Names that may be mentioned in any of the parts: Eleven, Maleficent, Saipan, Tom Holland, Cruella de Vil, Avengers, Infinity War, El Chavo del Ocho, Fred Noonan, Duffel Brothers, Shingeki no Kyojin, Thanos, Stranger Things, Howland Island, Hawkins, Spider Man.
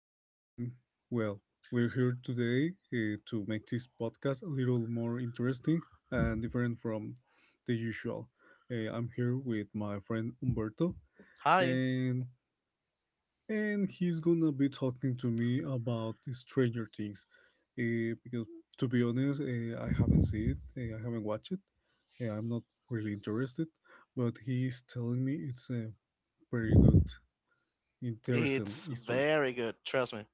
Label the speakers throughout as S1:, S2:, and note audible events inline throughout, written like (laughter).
S1: and well, we're here today to make this podcast a little more interesting and different from the usual. I'm here with my friend Umberto,
S2: Hi.
S1: and and he's gonna be talking to me about Stranger Things, because to be honest, I haven't seen it, I haven't watched it, I'm not really interested, but he's telling me it's pretty good. Interesting
S2: It's
S1: history.
S2: very good, trust me.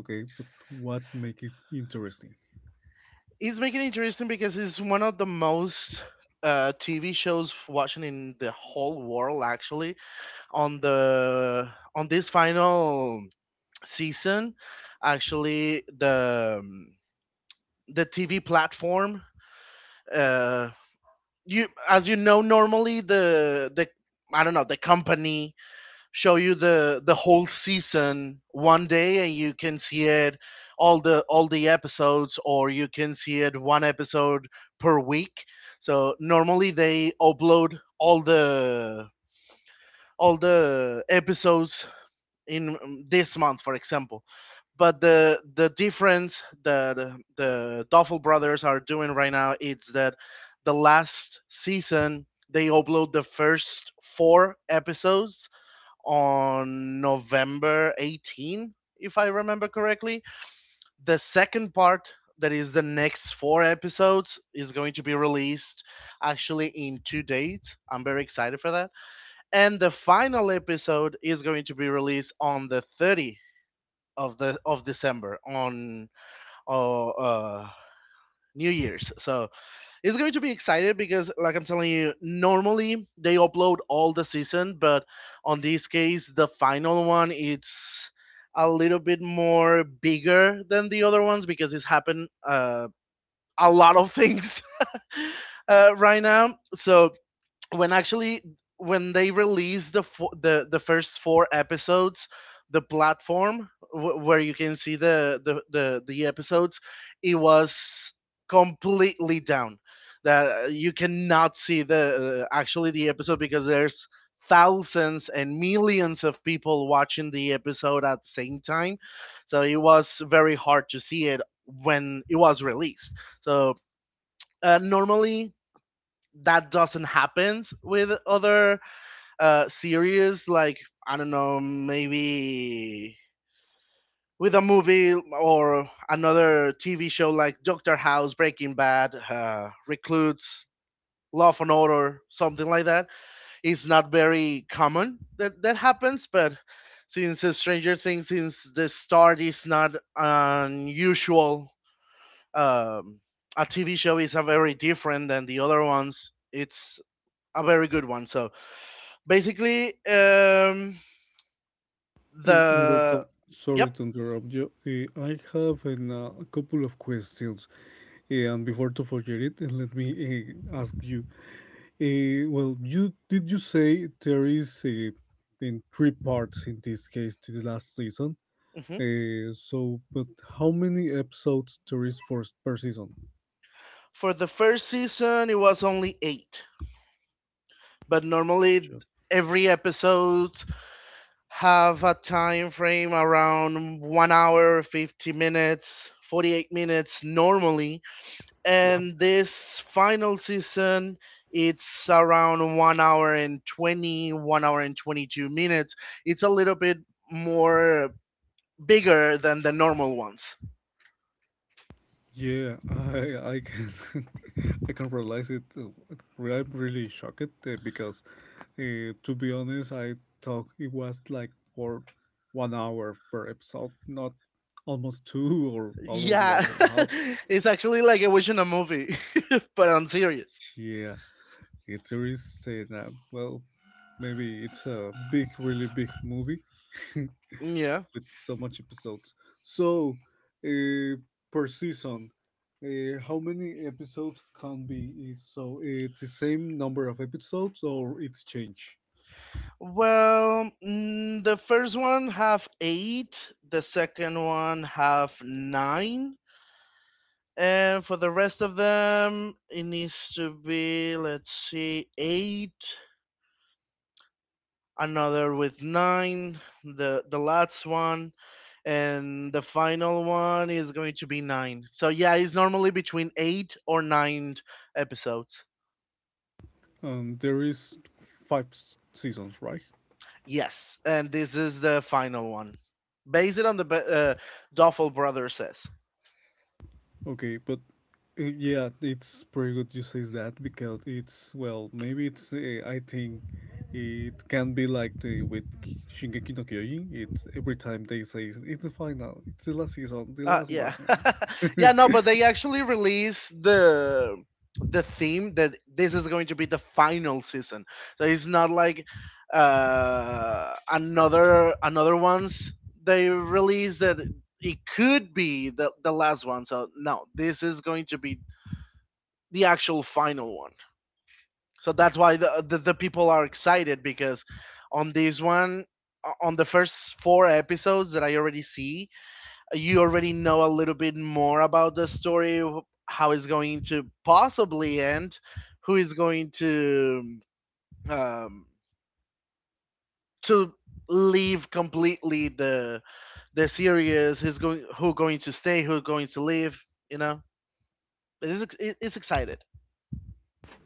S1: Okay, but what makes it interesting?
S2: It's making it interesting because it's one of the most TV shows watching in the whole world actually on the on this final season. Actually, the TV platform, uh you, as you know, normally, the I don't know, the company show you the whole season one day, and you can see it, all the episodes, or you can see it one episode per week. So normally they upload all the episodes in this month for example. But the difference that the Duffel brothers are doing right now is that the last season they upload the first four episodes on November 18, if I remember correctly. The second part, that is the next four episodes, is going to be released actually in two dates. I'm very excited for that. And the final episode is going to be released on the 30th of the of December on uh, uh, New Year's. So it's going to be exciting because, like I'm telling you, normally they upload all the season, but on this case the final one, it's a little bit more bigger than the other ones because it's happened a lot of things (laughs) right now. So when actually when they released the first four episodes, the platform where you can see the episodes, it was completely down, that you cannot see the actually the episode because there's thousands and millions of people watching the episode at the same time, so it was very hard to see it when it was released. So normally that doesn't happen with other series, like, I don't know, maybe with a movie or another TV show like Doctor House, Breaking Bad, Reclutes, Love and Order, something like that. It's not very common that happens, but since Stranger Things, since the start, is not unusual. um, a TV show is a very different than the other ones. It's a very good one. So basically,
S1: Humberto,
S2: the.
S1: sorry
S2: Yep.
S1: to interrupt you. I have a couple of questions. And before to forget it, let me ask you. Well, you did you say there is in three parts in this case this last season?
S2: Hmm.
S1: So, but how many episodes there is for per season?
S2: For the first season, it was only eight, but normally
S1: Just.
S2: every episode have a time frame around 1 hour, 50 minutes, 48 minutes normally, and this final season. It's around 1 hour and 20, 1 hour and 22 minutes. It's a little bit more bigger than the normal ones.
S1: Yeah, I can. (laughs) I can realize it. I'm really shocked because to be honest, I thought it was like for 1 hour per episode, not almost two or almost one
S2: Yeah,
S1: and a half.
S2: (laughs) it's actually like a wish in a movie, (laughs) but I'm serious.
S1: Yeah, a tourist say that well maybe it's a big really big movie (laughs)
S2: Yeah.
S1: with so much episodes so uh, per season how many episodes can be is so it's the same number of episodes or it's changed.
S2: Well, the first one have eight, the second one have nine, and for the rest of them, it needs to be, let's see, eight, another with nine, the last one, and the final one is going to be nine. So yeah, it's normally between eight or nine episodes.
S1: There is five seasons, right?
S2: Yes, and this is the final one, based on Duffel Brothers says.
S1: Okay, but yeah, it's pretty good you says that because it's well, maybe it's I think it can be like the with Shingeki no Kyojin. It's every time they say it's the final, it's the last season, the last
S2: Yeah,
S1: one.
S2: (laughs)
S1: And
S2: yeah, no, but they actually released the theme that this is going to be the final season. So it's not like another ones they released that it could be the last one. So no, this is going to be the actual final one. So that's why the people are excited because on this one, on the first four episodes that I already see, you already know a little bit more about the story, how it's going to possibly end, who is going to um, to leave completely the series, who's going, who going to stay, who going to leave, you know. It is ex- it- it's excited.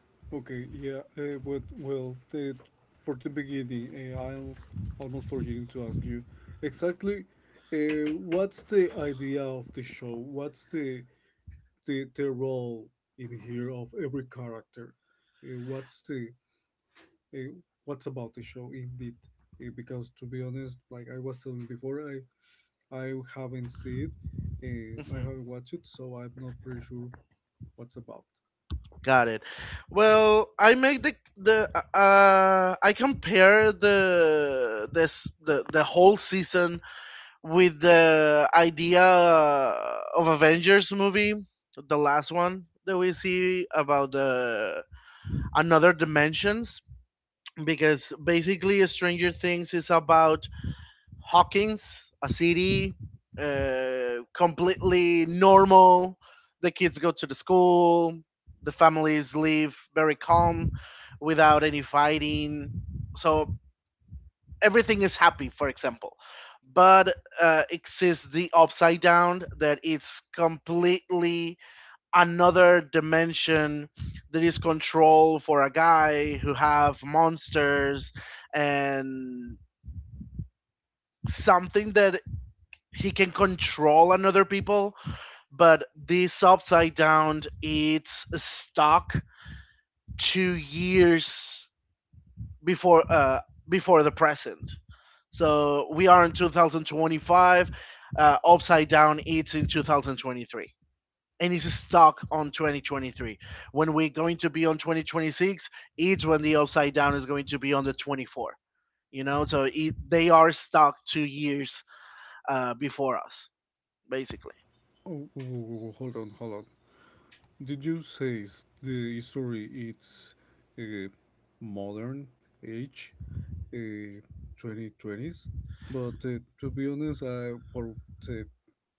S1: (laughs) okay, yeah, but well, the, for the beginning, I'm almost forgetting to ask you exactly what's the idea of the show? What's the the role in here of every character. Uh, what's the uh, what's about the show indeed? Because to be honest, like I was telling before, I haven't seen it. I
S2: Mm-hmm.
S1: haven't watched it, so I'm not pretty sure what's about.
S2: Got it. Well, I make the I compare the whole season with the idea of Avengers movie, the last one that we see about the another dimensions, because basically Stranger Things is about Hawkins, a city, completely normal. The kids go to the school. The families live very calm, without any fighting. So everything is happy, for example. But exists the upside down, that it's completely another dimension that is controlled for a guy who have monsters and something that he can control another people, but this upside down it's stuck 2 years before before the present. So we are in 2025. Upside down it's in 2023, and it's stuck on 2023. When we're going to be on 2026, it's when the upside down is going to be on the 24, you know. So it, they are stuck 2 years before us, basically.
S1: Oh, oh, oh, oh, hold on, hold on. Did you say the story it's uh, modern age, uh, 2020s? But to be honest, I for the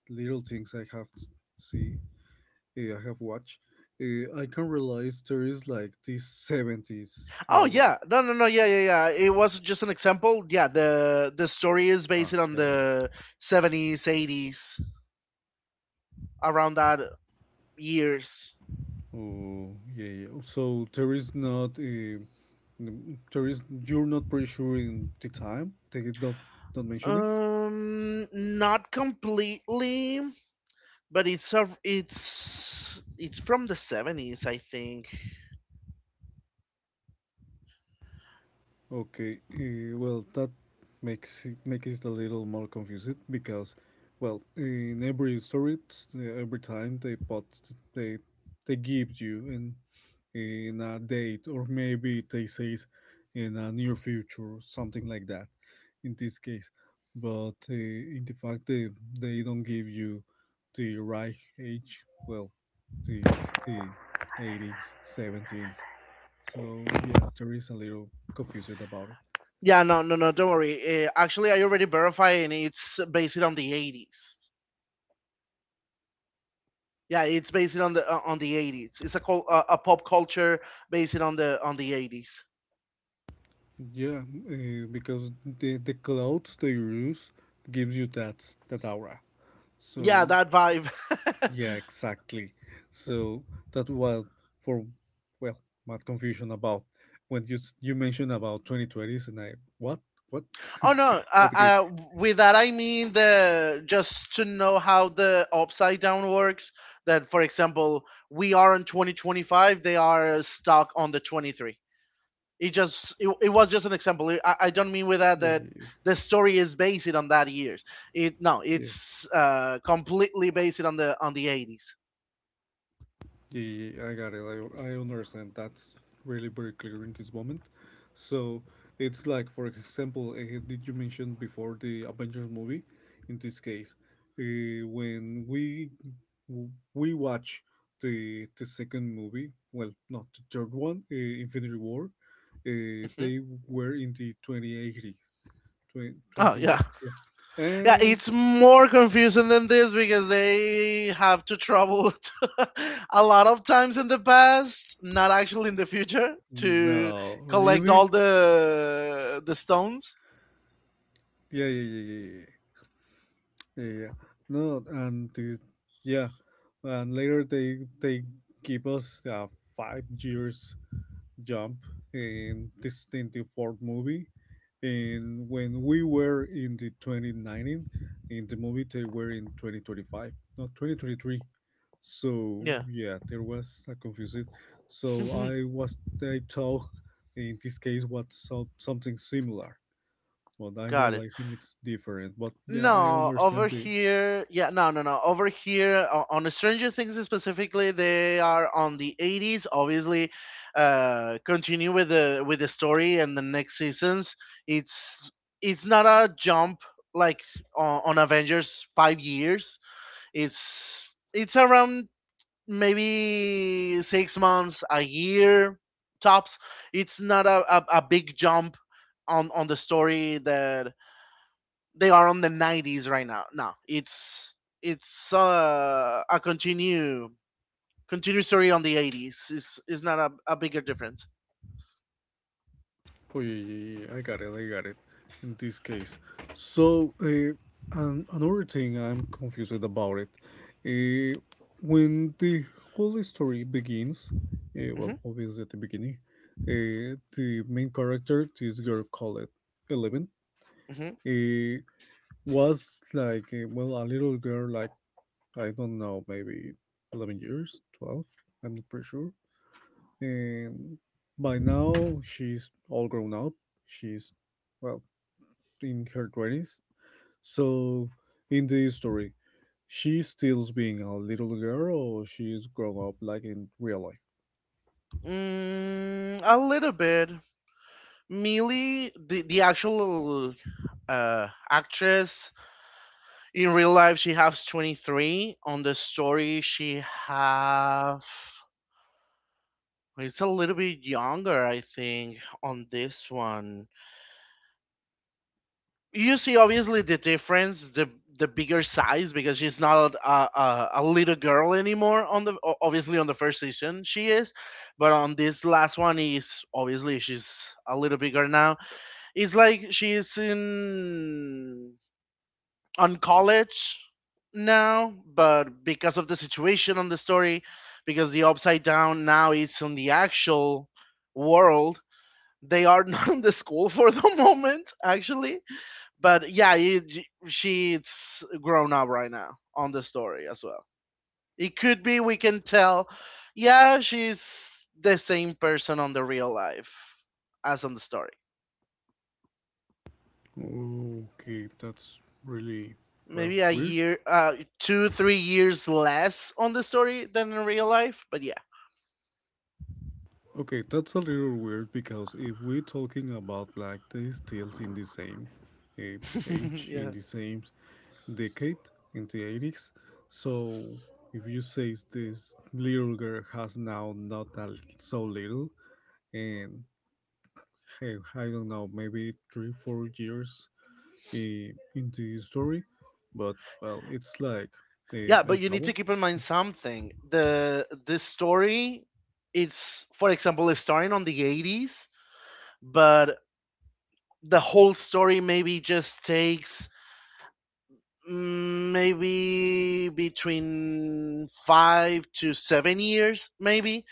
S1: little things I have see, I have watched. I can realize there is like this 70s
S2: Oh
S1: aura.
S2: yeah, no, no, no, yeah, yeah, yeah. It was just an example. Yeah, the story is based
S1: Ah,
S2: on
S1: yeah, yeah.
S2: the 70s, eighties, around that years.
S1: Oh, yeah, yeah. So there is not there is you're not pretty sure in the time. They did not mention it.
S2: Not completely, but it's a- it's it's from the 70s, I think.
S1: Okay. Well, that makes it a little more confusing because, well, in every story, it's, every time they put they they give you and in a date or maybe they say it in a near future something like that in this case but in the fact that they don't give you the right age, well, it's the 80s, 70s, so yeah, there is a little confused about it.
S2: Yeah, no, no, no. Don't worry. Actually, I already verified, and it's based on the 80s. Yeah, it's based on the 80s. It's a a pop culture based on the 80s.
S1: Yeah, because the clothes they use gives you that aura,
S2: Yeah,
S1: so
S2: that vibe. (laughs)
S1: Yeah, exactly. So that, well, for, well, my confusion about when you you mentioned about 2020s and I what
S2: Oh no,
S1: (laughs) okay,
S2: with that I mean, the just to know how the upside down works. That, for example, we are on 2025, they are stuck on the 23. It just it, it was just an example. I don't mean with that
S1: yeah,
S2: that
S1: yeah, yeah.
S2: the story is based on that years. It no,
S1: Yeah.
S2: it's completely based on the 80s.
S1: Yeah, I got it. I understand. That's really very clear in this moment. So it's like, for example, did you mention before the Avengers movie? In this case, uh, when we watch the second movie, well, not the third one, Infinity War,
S2: Hmm.
S1: they were in the twenty
S2: Oh
S1: twenty.
S2: yeah.
S1: Yeah.
S2: Yeah,
S1: And
S2: it's more confusing than this because they have to travel (laughs) to a lot of times in the past, not actually in the future, to
S1: no,
S2: collect
S1: really,
S2: all the stones.
S1: yeah, yeah, yeah, yeah. Yeah. Yeah. Yeah, no, and the, yeah, and later they give us a 5 years jump in the fourth movie, and when we were in the 2019, in the movie they were in 2025, no, 2023. So
S2: Yeah.
S1: yeah, there was a confusion. So
S2: (laughs)
S1: I talk in this case was something similar, but I'm
S2: Got it.
S1: realizing it's different. But yeah, I
S2: No, over
S1: understand the,
S2: here, yeah, no, no, no. Over here, on Stranger Things specifically, they are on the 80s. Obviously, continue with the story and the next seasons. It's it's not a jump like on Avengers 5 years. It's around maybe 6 months, a year tops. It's not a big jump on the story that they are on the 90s right now. No, it's a continue story on the 80s. It's not a bigger difference.
S1: Oh yeah, yeah, yeah, I got it. I got it. In this case, so and another thing I'm confused about it. Uh, when the whole story begins, well,
S2: Hmm.
S1: obviously at the beginning, the main character, this girl called Eleven,
S2: Hmm.
S1: uh, was like well a little girl, like I don't know, maybe 11 years, 12. I'm not pretty sure. And by now she's all grown up. She's well in her 20s. So, in the story, she stills being a little girl or she's grown up like in real life?
S2: Mm, a little bit. Millie, the actual actress in real life, she has 23. On the story, she have. It's a little bit younger, I think, on this one. You see, obviously, the difference, the bigger size because she's not a little girl anymore on the obviously on the first season she is, but on this last one is obviously she's a little bigger now. It's like she's in, on college now, but because of the situation on the story, because the upside down now is on the actual world, they are not (laughs) in the school for the moment actually. But yeah, it, she's grown up right now on the story as well. It could be we can tell, yeah, she's the same person on the real life as on the story.
S1: Okay, that's really, well,
S2: Maybe a
S1: weird.
S2: year, two, 3 years less on the story than in real life, but yeah,
S1: Okay, that's a little weird because if we're talking about like they still in the same uh,
S2: (laughs)
S1: age, in
S2: yeah,
S1: the same decade, in the 80s, so if you say this little girl has now not that so little, and hey, I don't know, maybe three, 4 years into the story, but well, it's like
S2: yeah.
S1: El
S2: But you need to
S1: Chavo.
S2: keep in mind something. The story, it's, for example, it's starting on the 80s, but the whole story maybe just takes, maybe between 5 to 7 years, maybe.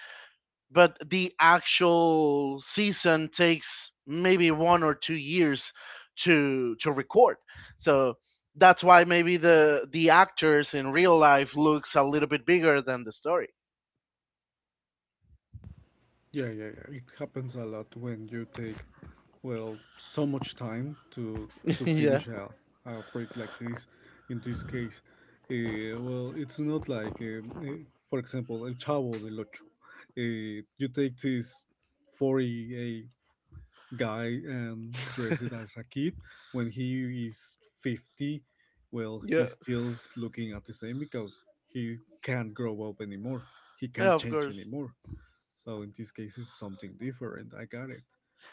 S2: But the actual season takes maybe 1 or 2 years to record. So that's why maybe the actors in real life looks a little bit bigger than the story.
S1: Yeah, yeah, yeah. It happens a lot when you take, well, so much time to
S2: (laughs)
S1: to
S2: Yeah,
S1: finish a project like this. In this case, well, it's not like, for example, El Chavo del Ocho. You take this 48 guy and dress it as a kid when he is 50, well,
S2: yeah.
S1: he's still looking at the same because he can't grow up anymore, he
S2: Yeah,
S1: can't
S2: of
S1: change
S2: course.
S1: anymore, so in this case it's something different. I got it.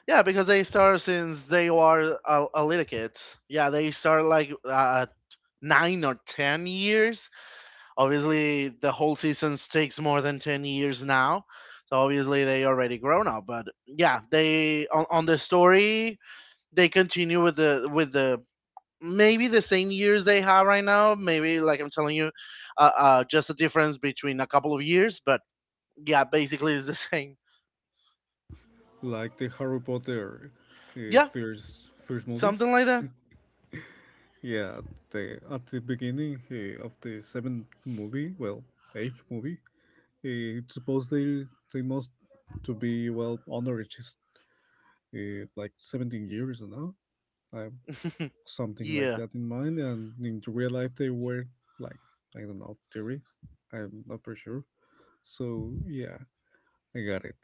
S2: Yeah, because they start since they were a little kids. Yeah, they start like 9 or 10 years. Obviously the whole season takes more than 10 years now, so obviously they already grown up. But yeah, they on the story, they continue with the, maybe the same years they have right now, maybe, like I'm telling you, just a difference between a couple of years. But yeah, basically it's the (laughs) same.
S1: Like the Harry Potter
S2: Yeah,
S1: first movies.
S2: something like that.
S1: (laughs) Yeah, the, at the beginning of the seventh movie, well, eighth movie, it's supposed they must to be well underage, like 17 years now. I have
S2: (laughs)
S1: something like
S2: Yeah.
S1: that in mind, and in the real life, they were like, I don't know, theories. I'm not pretty sure. So, yeah, I got it.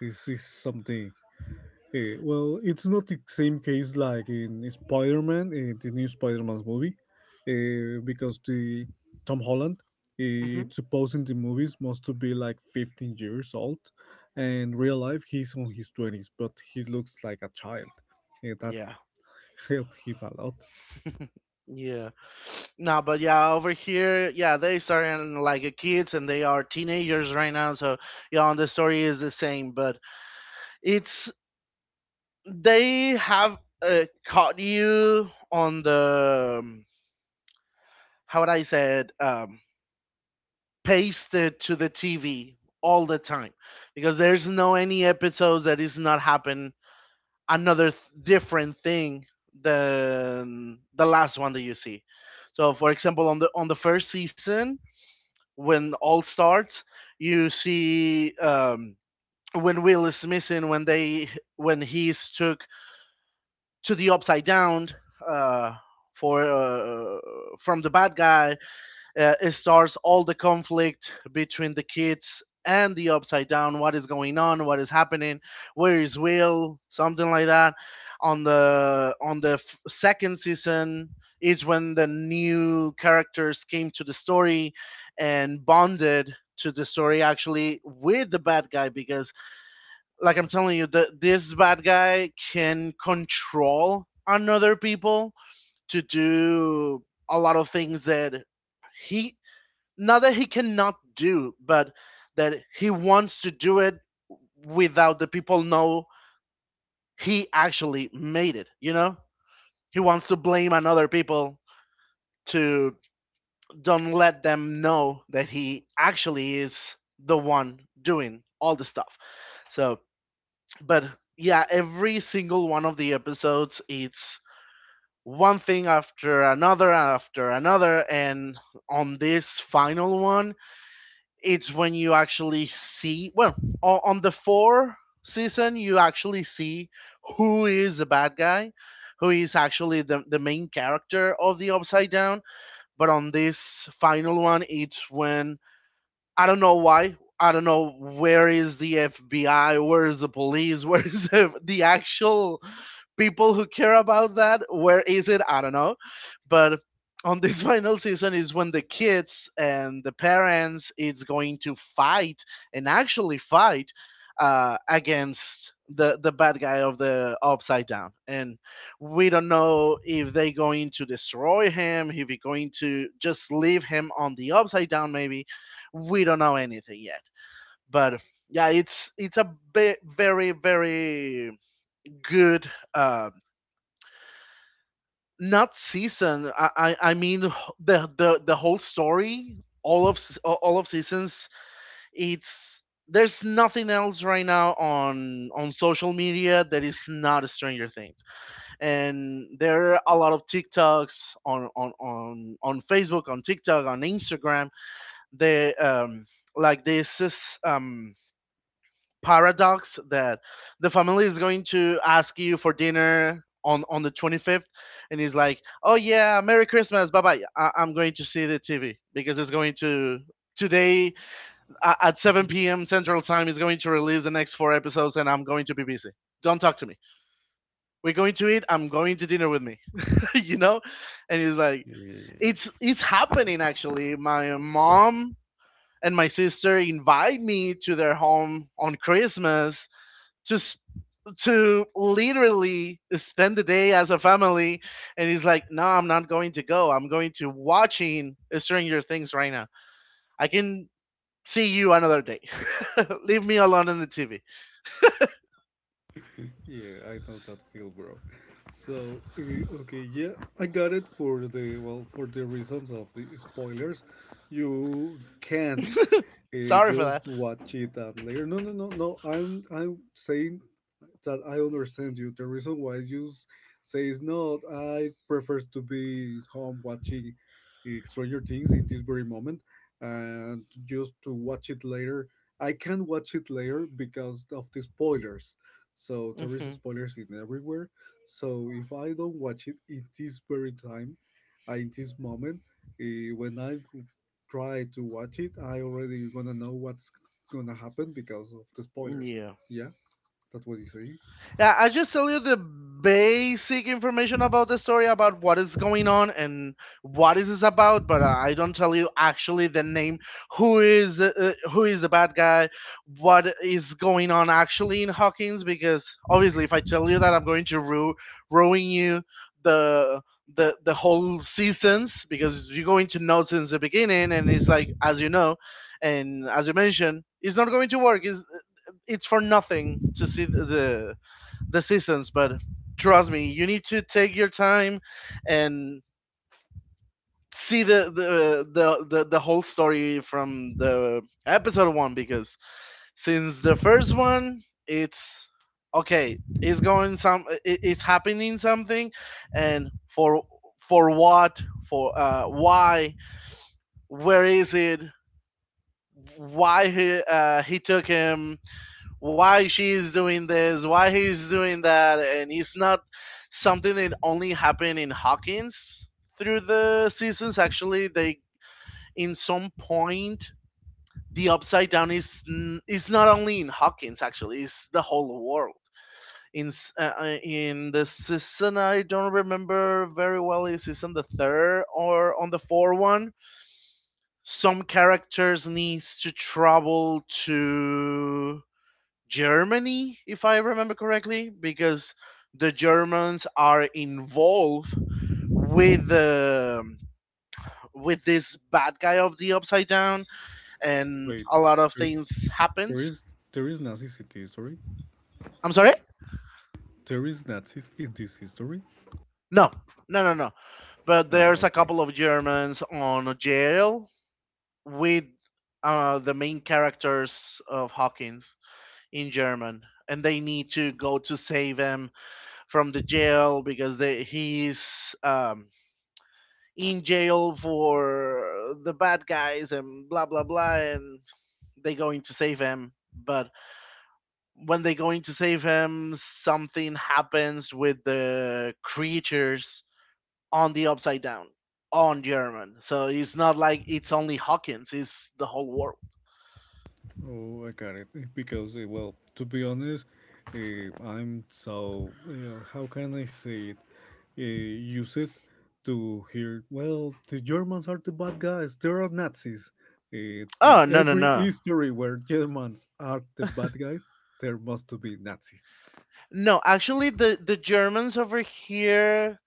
S1: This is something. Well, it's not the same case like in Spider Man, in the new Spider Man's movie, because the Tom Holland. It's
S2: Hmm.
S1: supposed in the movies must to be like 15 years old, and real life he's on his 20s but he looks like a child, that
S2: Yeah.
S1: help him a lot.
S2: Yeah. No, but yeah, over here, yeah, they starting like kids and they are teenagers right now. So yeah, and the story is the same, but it's, they have caught you on the, how would I say it, pasted to the TV all the time because there's no any episodes that is not happen another different thing than the last one that you see. So for example, on the first season when all starts, you see, when Will is missing, when they when he's took to the upside down, uh, for from the bad guy, it starts all the conflict between the kids and the upside down, what is going on, what is happening, where is Will, something like that. On the second season is when the new characters came to the story and bonded to the story, actually, with the bad guy, because, like I'm telling you, this bad guy can control another people to do a lot of things that he, not that he cannot do, but that he wants to do it without the people know he actually made it. You know, he wants to blame another people to don't let them know that he actually is the one doing all the stuff. So, but yeah, every single one of the episodes, it's one thing after another after another. And on this final one, it's when you actually see, well, on the four season you actually see who is the bad guy, who is actually the main character of the upside down. But on this final one, it's when, I don't know why, I don't know, where is the FBI, where is the police, (laughs) where is the actual people who care about that. Where is it? I don't know. But on this (laughs) final season is when the kids and the parents it's going to fight, and actually fight against the bad guy of the upside down, and we don't know if they going to destroy him, if he going to just leave him on the upside down, maybe we don't know anything yet. But yeah, it's a very, very good, not season. I mean, the whole story. All of seasons. It's, there's nothing else right now on social media that is not Stranger Things, and there are a lot of TikToks on on Facebook, on TikTok, on Instagram. They, like this is, paradox, that the family is going to ask you for dinner on the 25th, and he's like, oh yeah, merry Christmas, bye bye, I'm going to see the tv because it's going to, today, at 7 p.m. central time is going to release the next four episodes, and I'm going to be busy, don't talk to me, we're going to eat, I'm going to dinner with me. (laughs) you know and he's like,
S1: Yeah,
S2: it's happening, actually my mom and my sister invite me to their home on Christmas to literally spend the day as a family. And he's like, no, I'm not going to go, I'm going to watching Stranger Things right now, I can see you another day, (laughs) leave me alone on the tv.
S1: yeah, I know that feel, bro. So, okay, yeah, I got it for the well, for the reasons of the spoilers. You can't
S2: Sorry for that.
S1: just watch it and later. No, no, no, no. I'm saying that I understand you. The reason why you say is not, I prefer to be home watching Stranger Things in this very moment and just to watch it later. I can watch it later because of the spoilers. So there is
S2: Hmm.
S1: spoilers in everywhere. So if I don't watch it in this very time, in this moment, when I try to watch it, I already gonna know what's gonna happen because of the spoilers.
S2: Yeah.
S1: Yeah, that's what you say.
S2: Yeah, I just tell you the basic information about the story, about what is going on and what is this about, but I don't tell you actually the name, who is the bad guy, what is going on actually in Hawkins, because obviously if I tell you that, I'm going to ruin you the the whole seasons, because you're going to know since the beginning, and it's like, as you know, and as you mentioned, it's not going to work. It's for nothing to see the seasons. But trust me, you need to take your time and see the whole story from the episode one, because since the first one, it's okay, it's going some, it's happening something, and for what, for, why, where is it, why he, he took him, why she's doing this, why he's doing that, and it's not something that only happened in Hawkins through the seasons. Actually, they, in some point, the upside down is not only in Hawkins. Actually, it's the whole world. In in the season, I don't remember very well, is it's on the third or on the fourth one. Some characters needs to travel to Germany, if I remember correctly, because the Germans are involved with the with this bad guy of the upside down, and
S1: Wait,
S2: a lot of
S1: there,
S2: things
S1: there
S2: happens.
S1: is there is Nazis in the history.
S2: I'm sorry.
S1: There is Nazis in this history.
S2: No, no, no, no. But
S1: Ah,
S2: there's a
S1: okay.
S2: couple of Germans on a jail with the main characters of Hawkins in German, and they need to go to save him from the jail because he's, in jail for the bad guys and blah blah blah, and they going to save him, but when they going to save him, something happens with the creatures on the upside down, on German. So it's not like it's only Hawkins, it's the whole world.
S1: Oh, I got it. Because well, to be honest, I'm so how can I say it? Uh, Use it to hear. Well, the Germans are the bad guys. They are Nazis. It, in
S2: Oh, no, no,
S1: every
S2: no.
S1: history where Germans are the bad guys, there must to be Nazis.
S2: No, actually, the Germans over here,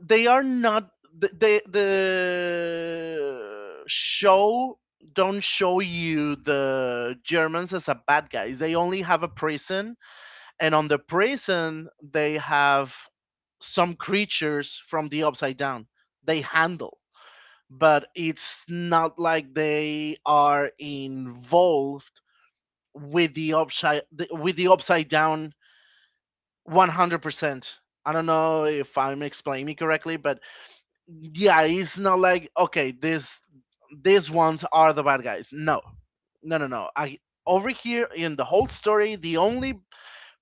S2: they are not, the show don't show you the Germans as a bad guys. They only have a prison, and on the prison they have some creatures from the upside down. They handle, but it's not like they are involved with the upside with the upside down 100%. I don't know if I'm explaining correctly, but yeah, it's not like, okay, this these ones are the bad guys. No, no, no, no. I, over here in the whole story, the only,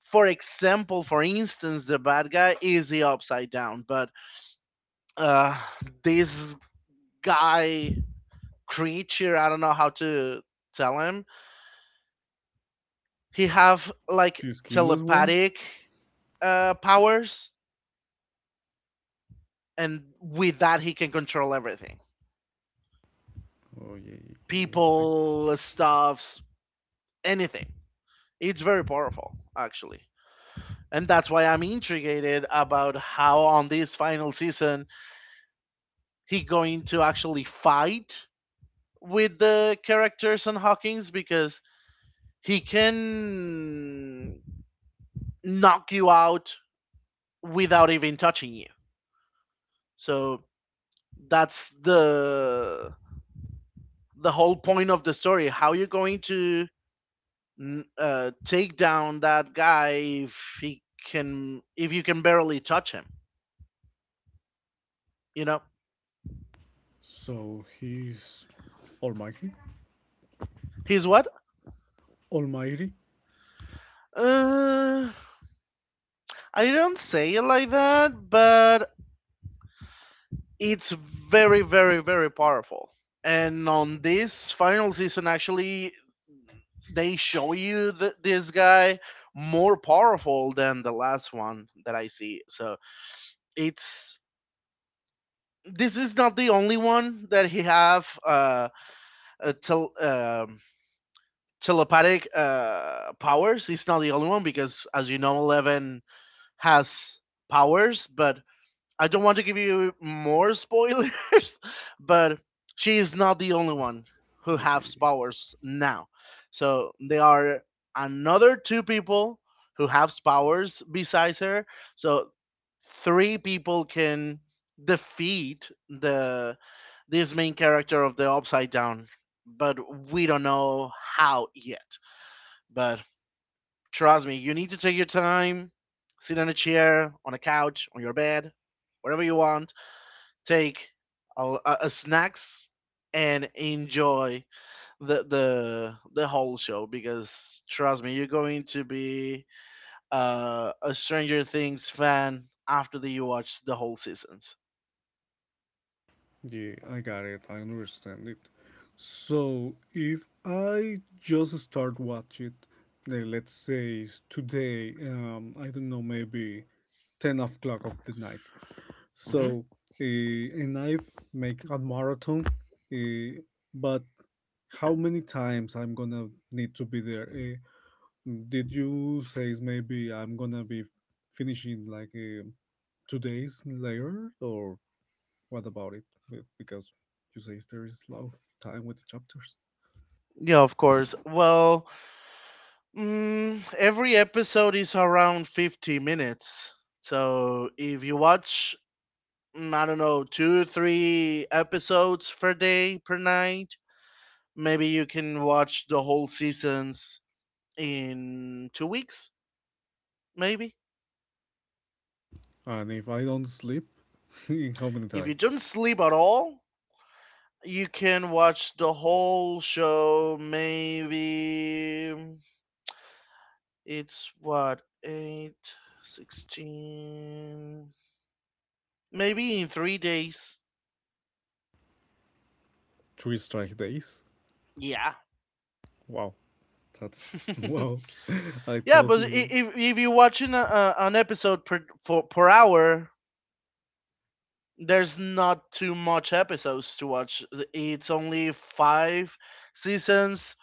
S2: for example, for instance, the bad guy is the upside down, but, uh, this guy creature, I don't know how to tell him. He have like
S1: The skinless one.
S2: telepathic powers, and with that he can control everything,
S1: Oh yeah, yeah, yeah. Yeah.
S2: people, stuffs, anything. It's very powerful, actually. And that's why I'm intrigued about how on this final season he going to actually fight with the characters on Hawkins, because he can knock you out without even touching you. So that's the whole point of the story. How you are going to take down that guy if he can if you can barely touch him? You know,
S1: So he's almighty?
S2: he's what?
S1: Almighty?
S2: Uh, I don't say it like that, but it's very, very, very powerful. And on this final season, actually, they show you this guy more powerful than the last one that I see. So it's, this is not the only one that he have a telepathic powers. It's not the only one because, as you know, Eleven has powers, but I don't want to give you more spoilers, (laughs) but she is not the only one who
S1: Yeah,
S2: has powers now. So there are another two people who have powers besides her. So three people can defeat the this main character of the upside down, but we don't know how yet. But trust me, you need to take your time, sit on a chair, on a couch, on your bed, wherever you want, take snacks and enjoy the whole show, because trust me, you're going to be a Stranger Things fan after that you watch the whole seasons.
S1: yeah, I got it. I understand it. So if I just start watch it, let's say today, I don't know, maybe 10 o'clock of the night.
S2: Hmm.
S1: So, and I make a marathon, eh, but how many times I'm gonna need to be there? Did you say maybe I'm gonna be finishing like 2 days later, or what about it? Because you say there is a lot of time with the chapters.
S2: Yeah, of course. Well, every episode is around 50 minutes. So if you watch, I don't know, two, three episodes per day, per night, maybe you can watch the whole seasons in 2 weeks, maybe.
S1: And if I don't sleep, (laughs) in how many
S2: If
S1: time?
S2: you don't sleep at all, you can watch the whole show. Maybe, it's what, 8, 16. Maybe in 3 days.
S1: Three strike days?
S2: Yeah.
S1: Wow, that's (laughs)
S2: (laughs)
S1: wow. I
S2: Yeah,
S1: told
S2: but
S1: you
S2: if you're watching an episode per, per hour, there's not too much episodes to watch. It's only five seasons,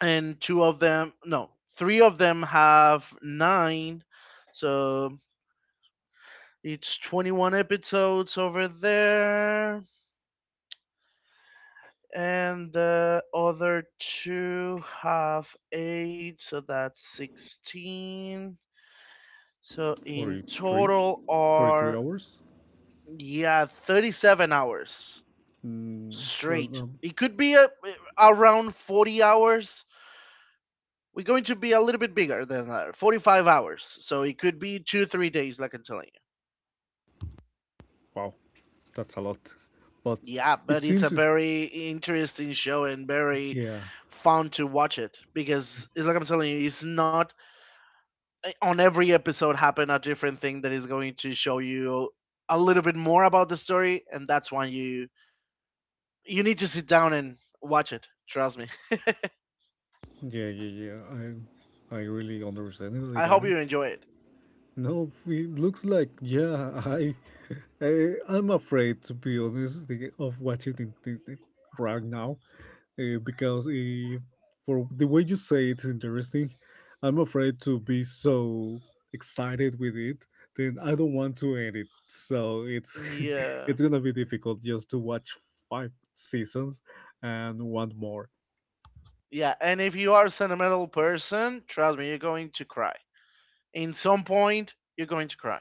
S2: and two of them no three of them have nine, so it's 21 episodes over there, and the other two have eight, so that's 16, so in
S1: 43,
S2: total
S1: 43
S2: are,
S1: hours.
S2: yeah, 37 hours
S1: Well,
S2: straight, it could be around 40 hours, we're going to be a little bit bigger than that, 45 hours, so it could be 2-3 days, like I'm telling you.
S1: wow, that's a lot. But
S2: Yeah,
S1: it
S2: but it's a
S1: seems it,
S2: very interesting show and very
S1: yeah.
S2: fun to watch it, because it's like I'm telling you, it's not, on every episode happen a different thing that is going to show you a little bit more about the story, and that's why you need to sit down and watch it. Trust me.
S1: Yeah, yeah, yeah. I really understand
S2: (laughs)
S1: (laughs)
S2: I
S1: got
S2: hope
S1: it.
S2: you enjoy it.
S1: No, it looks like yeah. I, (laughs) I'm afraid to be honest of watching it in- right now because if, for the way you say it's interesting, I'm afraid to be so excited with it. Then I don't want to end it. So it's (laughs)
S2: Yeah,
S1: it's gonna be difficult just to watch five seasons and one more.
S2: yeah, and if you are a sentimental person, trust me, you're going to cry. In some point, you're going to cry.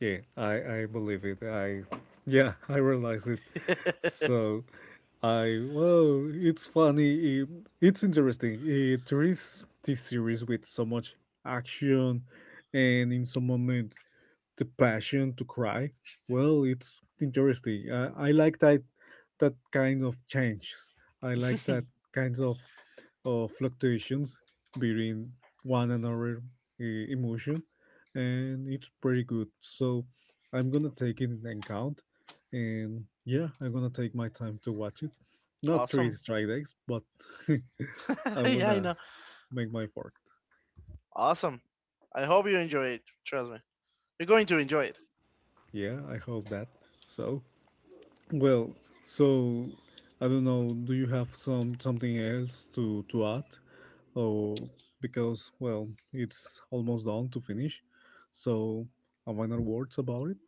S1: Yeah, I believe it. I yeah, (laughs) I realize it. So I well, it's funny. It's interesting. There is this series with so much action, and in some moment the passion to cry. Well, it's interesting. I like that kind of change. I like that
S2: (laughs)
S1: kinds of or fluctuations between one another emotion, and it's pretty good, so I'm gonna take it in account. And yeah, I'm gonna take my time to watch it, not three
S2: Awesome.
S1: strike days, but (laughs)
S2: (laughs)
S1: I
S2: Yeah, I
S1: wanna
S2: know.
S1: make my effort.
S2: Awesome. I hope you enjoy it. Trust me, you're going to enjoy it.
S1: Yeah, I hope that. So, well, so I don't know, do you have something else to add? Oh, because, well, it's almost done to finish. So, a minor words about it?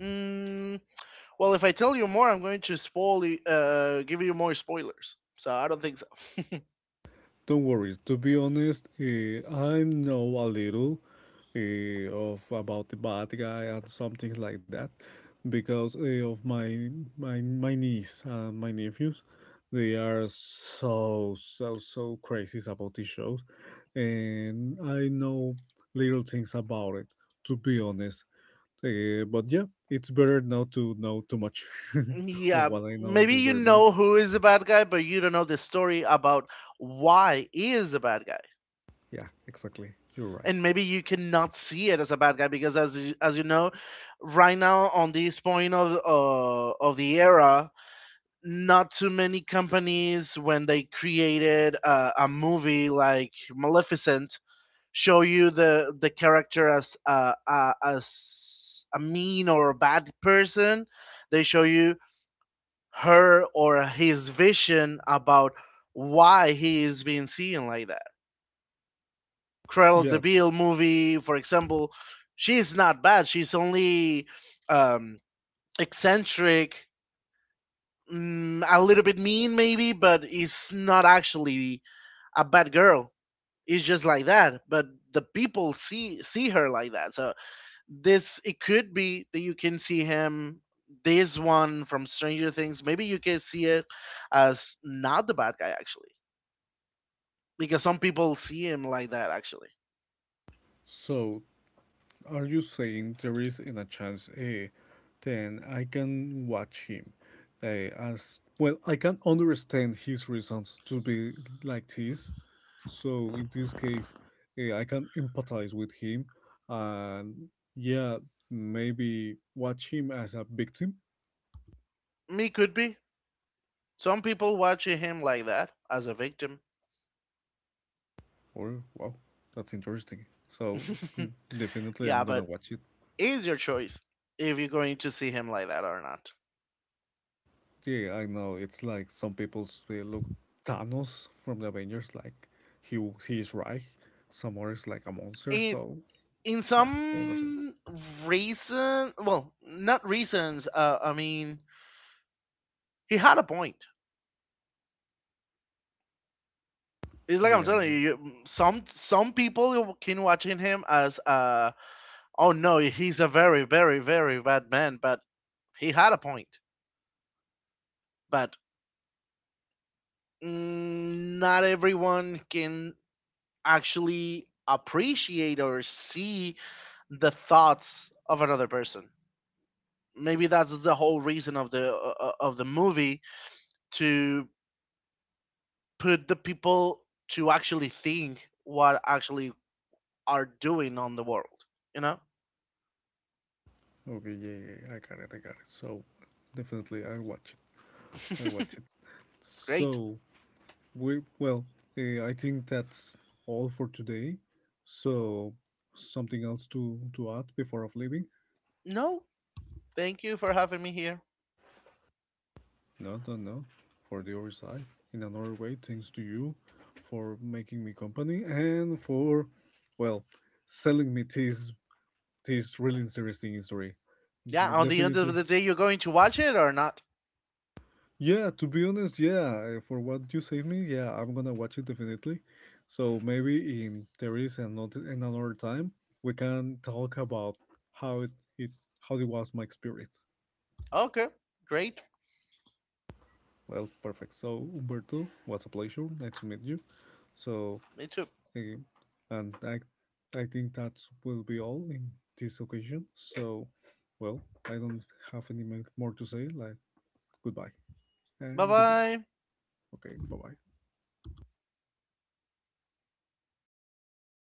S2: Mm, well, if I tell you more, I'm going to spoil. Give you more spoilers. So I don't think so.
S1: Don't worry, to be honest, I know a little of about the bad guy and some things like that because of my niece and my nephews. They are so, so, so crazy about these shows. And I know little things about it, to be honest. But yeah, it's better not to know too much
S2: (laughs)
S1: (laughs) of
S2: Yeah,
S1: what I know in
S2: maybe
S1: this
S2: you
S1: very moment.
S2: know who is the bad guy, but you don't know the story about why he is a bad guy.
S1: Yeah, exactly. You're right.
S2: And maybe you cannot see it as a bad guy because, as you know, right now on this point of, of the era, not too many companies, when they created a movie like Maleficent, show you the character as, as a mean or a bad person. They show you her or his vision about why he is being seen like that. Cruella de
S1: Yeah.
S2: Vil movie, for example, she's not bad. She's only, um, eccentric, a little bit mean, maybe, but it's not actually a bad girl. It's just like that, but the people see her like that. So this, it could be that you can see him, this one from Stranger Things. Maybe you can see it as not the bad guy, actually, because some people see him like that, actually.
S1: So, are you saying there is in a chance, then I can watch him, as well? I can understand his reasons to be like this. So in this case, I can empathize with him, and yeah, maybe watch him as a victim.
S2: Me could be. Some people watching him like that, as a victim.
S1: Or wow, that's interesting. So
S2: (laughs)
S1: definitely, I'm
S2: Yeah,
S1: gonna
S2: but
S1: watch it.
S2: it's your choice if you're going to see him like that or not.
S1: Yeah, I know it's like some people say, look Thanos from the Avengers, like he is right. Some others like a monster.
S2: And
S1: So
S2: in
S1: yeah, I understand.
S2: some reason, well, not reasons. I mean, he had a point. It's like I'm
S1: Yeah,
S2: telling
S1: yeah.
S2: you, some people can watching him as, oh, no, he's a very, very, very bad man, but he had a point. But, not everyone can actually appreciate or see the thoughts of another person. Maybe that's the whole reason of the movie, to put the people to actually think what actually are doing on the world. You know.
S1: Okay, yeah, yeah. Yeah, I got it. I got it. So definitely, I watch it. I watch it.
S2: Great.
S1: So we well, I think that's all for today. So something else to add before of leaving?
S2: No, thank you for having me here.
S1: No, no, no. For the other side, in another way, thanks to you for making me company and for, well, selling me this really interesting history.
S2: Yeah, on the end of
S1: Definitely.
S2: the day, you're going to watch it or not?
S1: Yeah, to be honest, yeah, for what you saved me, yeah, I'm gonna watch it definitely. So maybe in there is another time we can talk about how it, it how it was my experience.
S2: Okay, great.
S1: Well, perfect. So Umberto, was a pleasure. Nice to meet you. So
S2: Me too.
S1: Okay. And I think that will be all in this occasion. So, well, I don't have any more to say. Like, goodbye
S2: Bye
S1: and good life.
S2: bye.
S1: Okay, bye bye.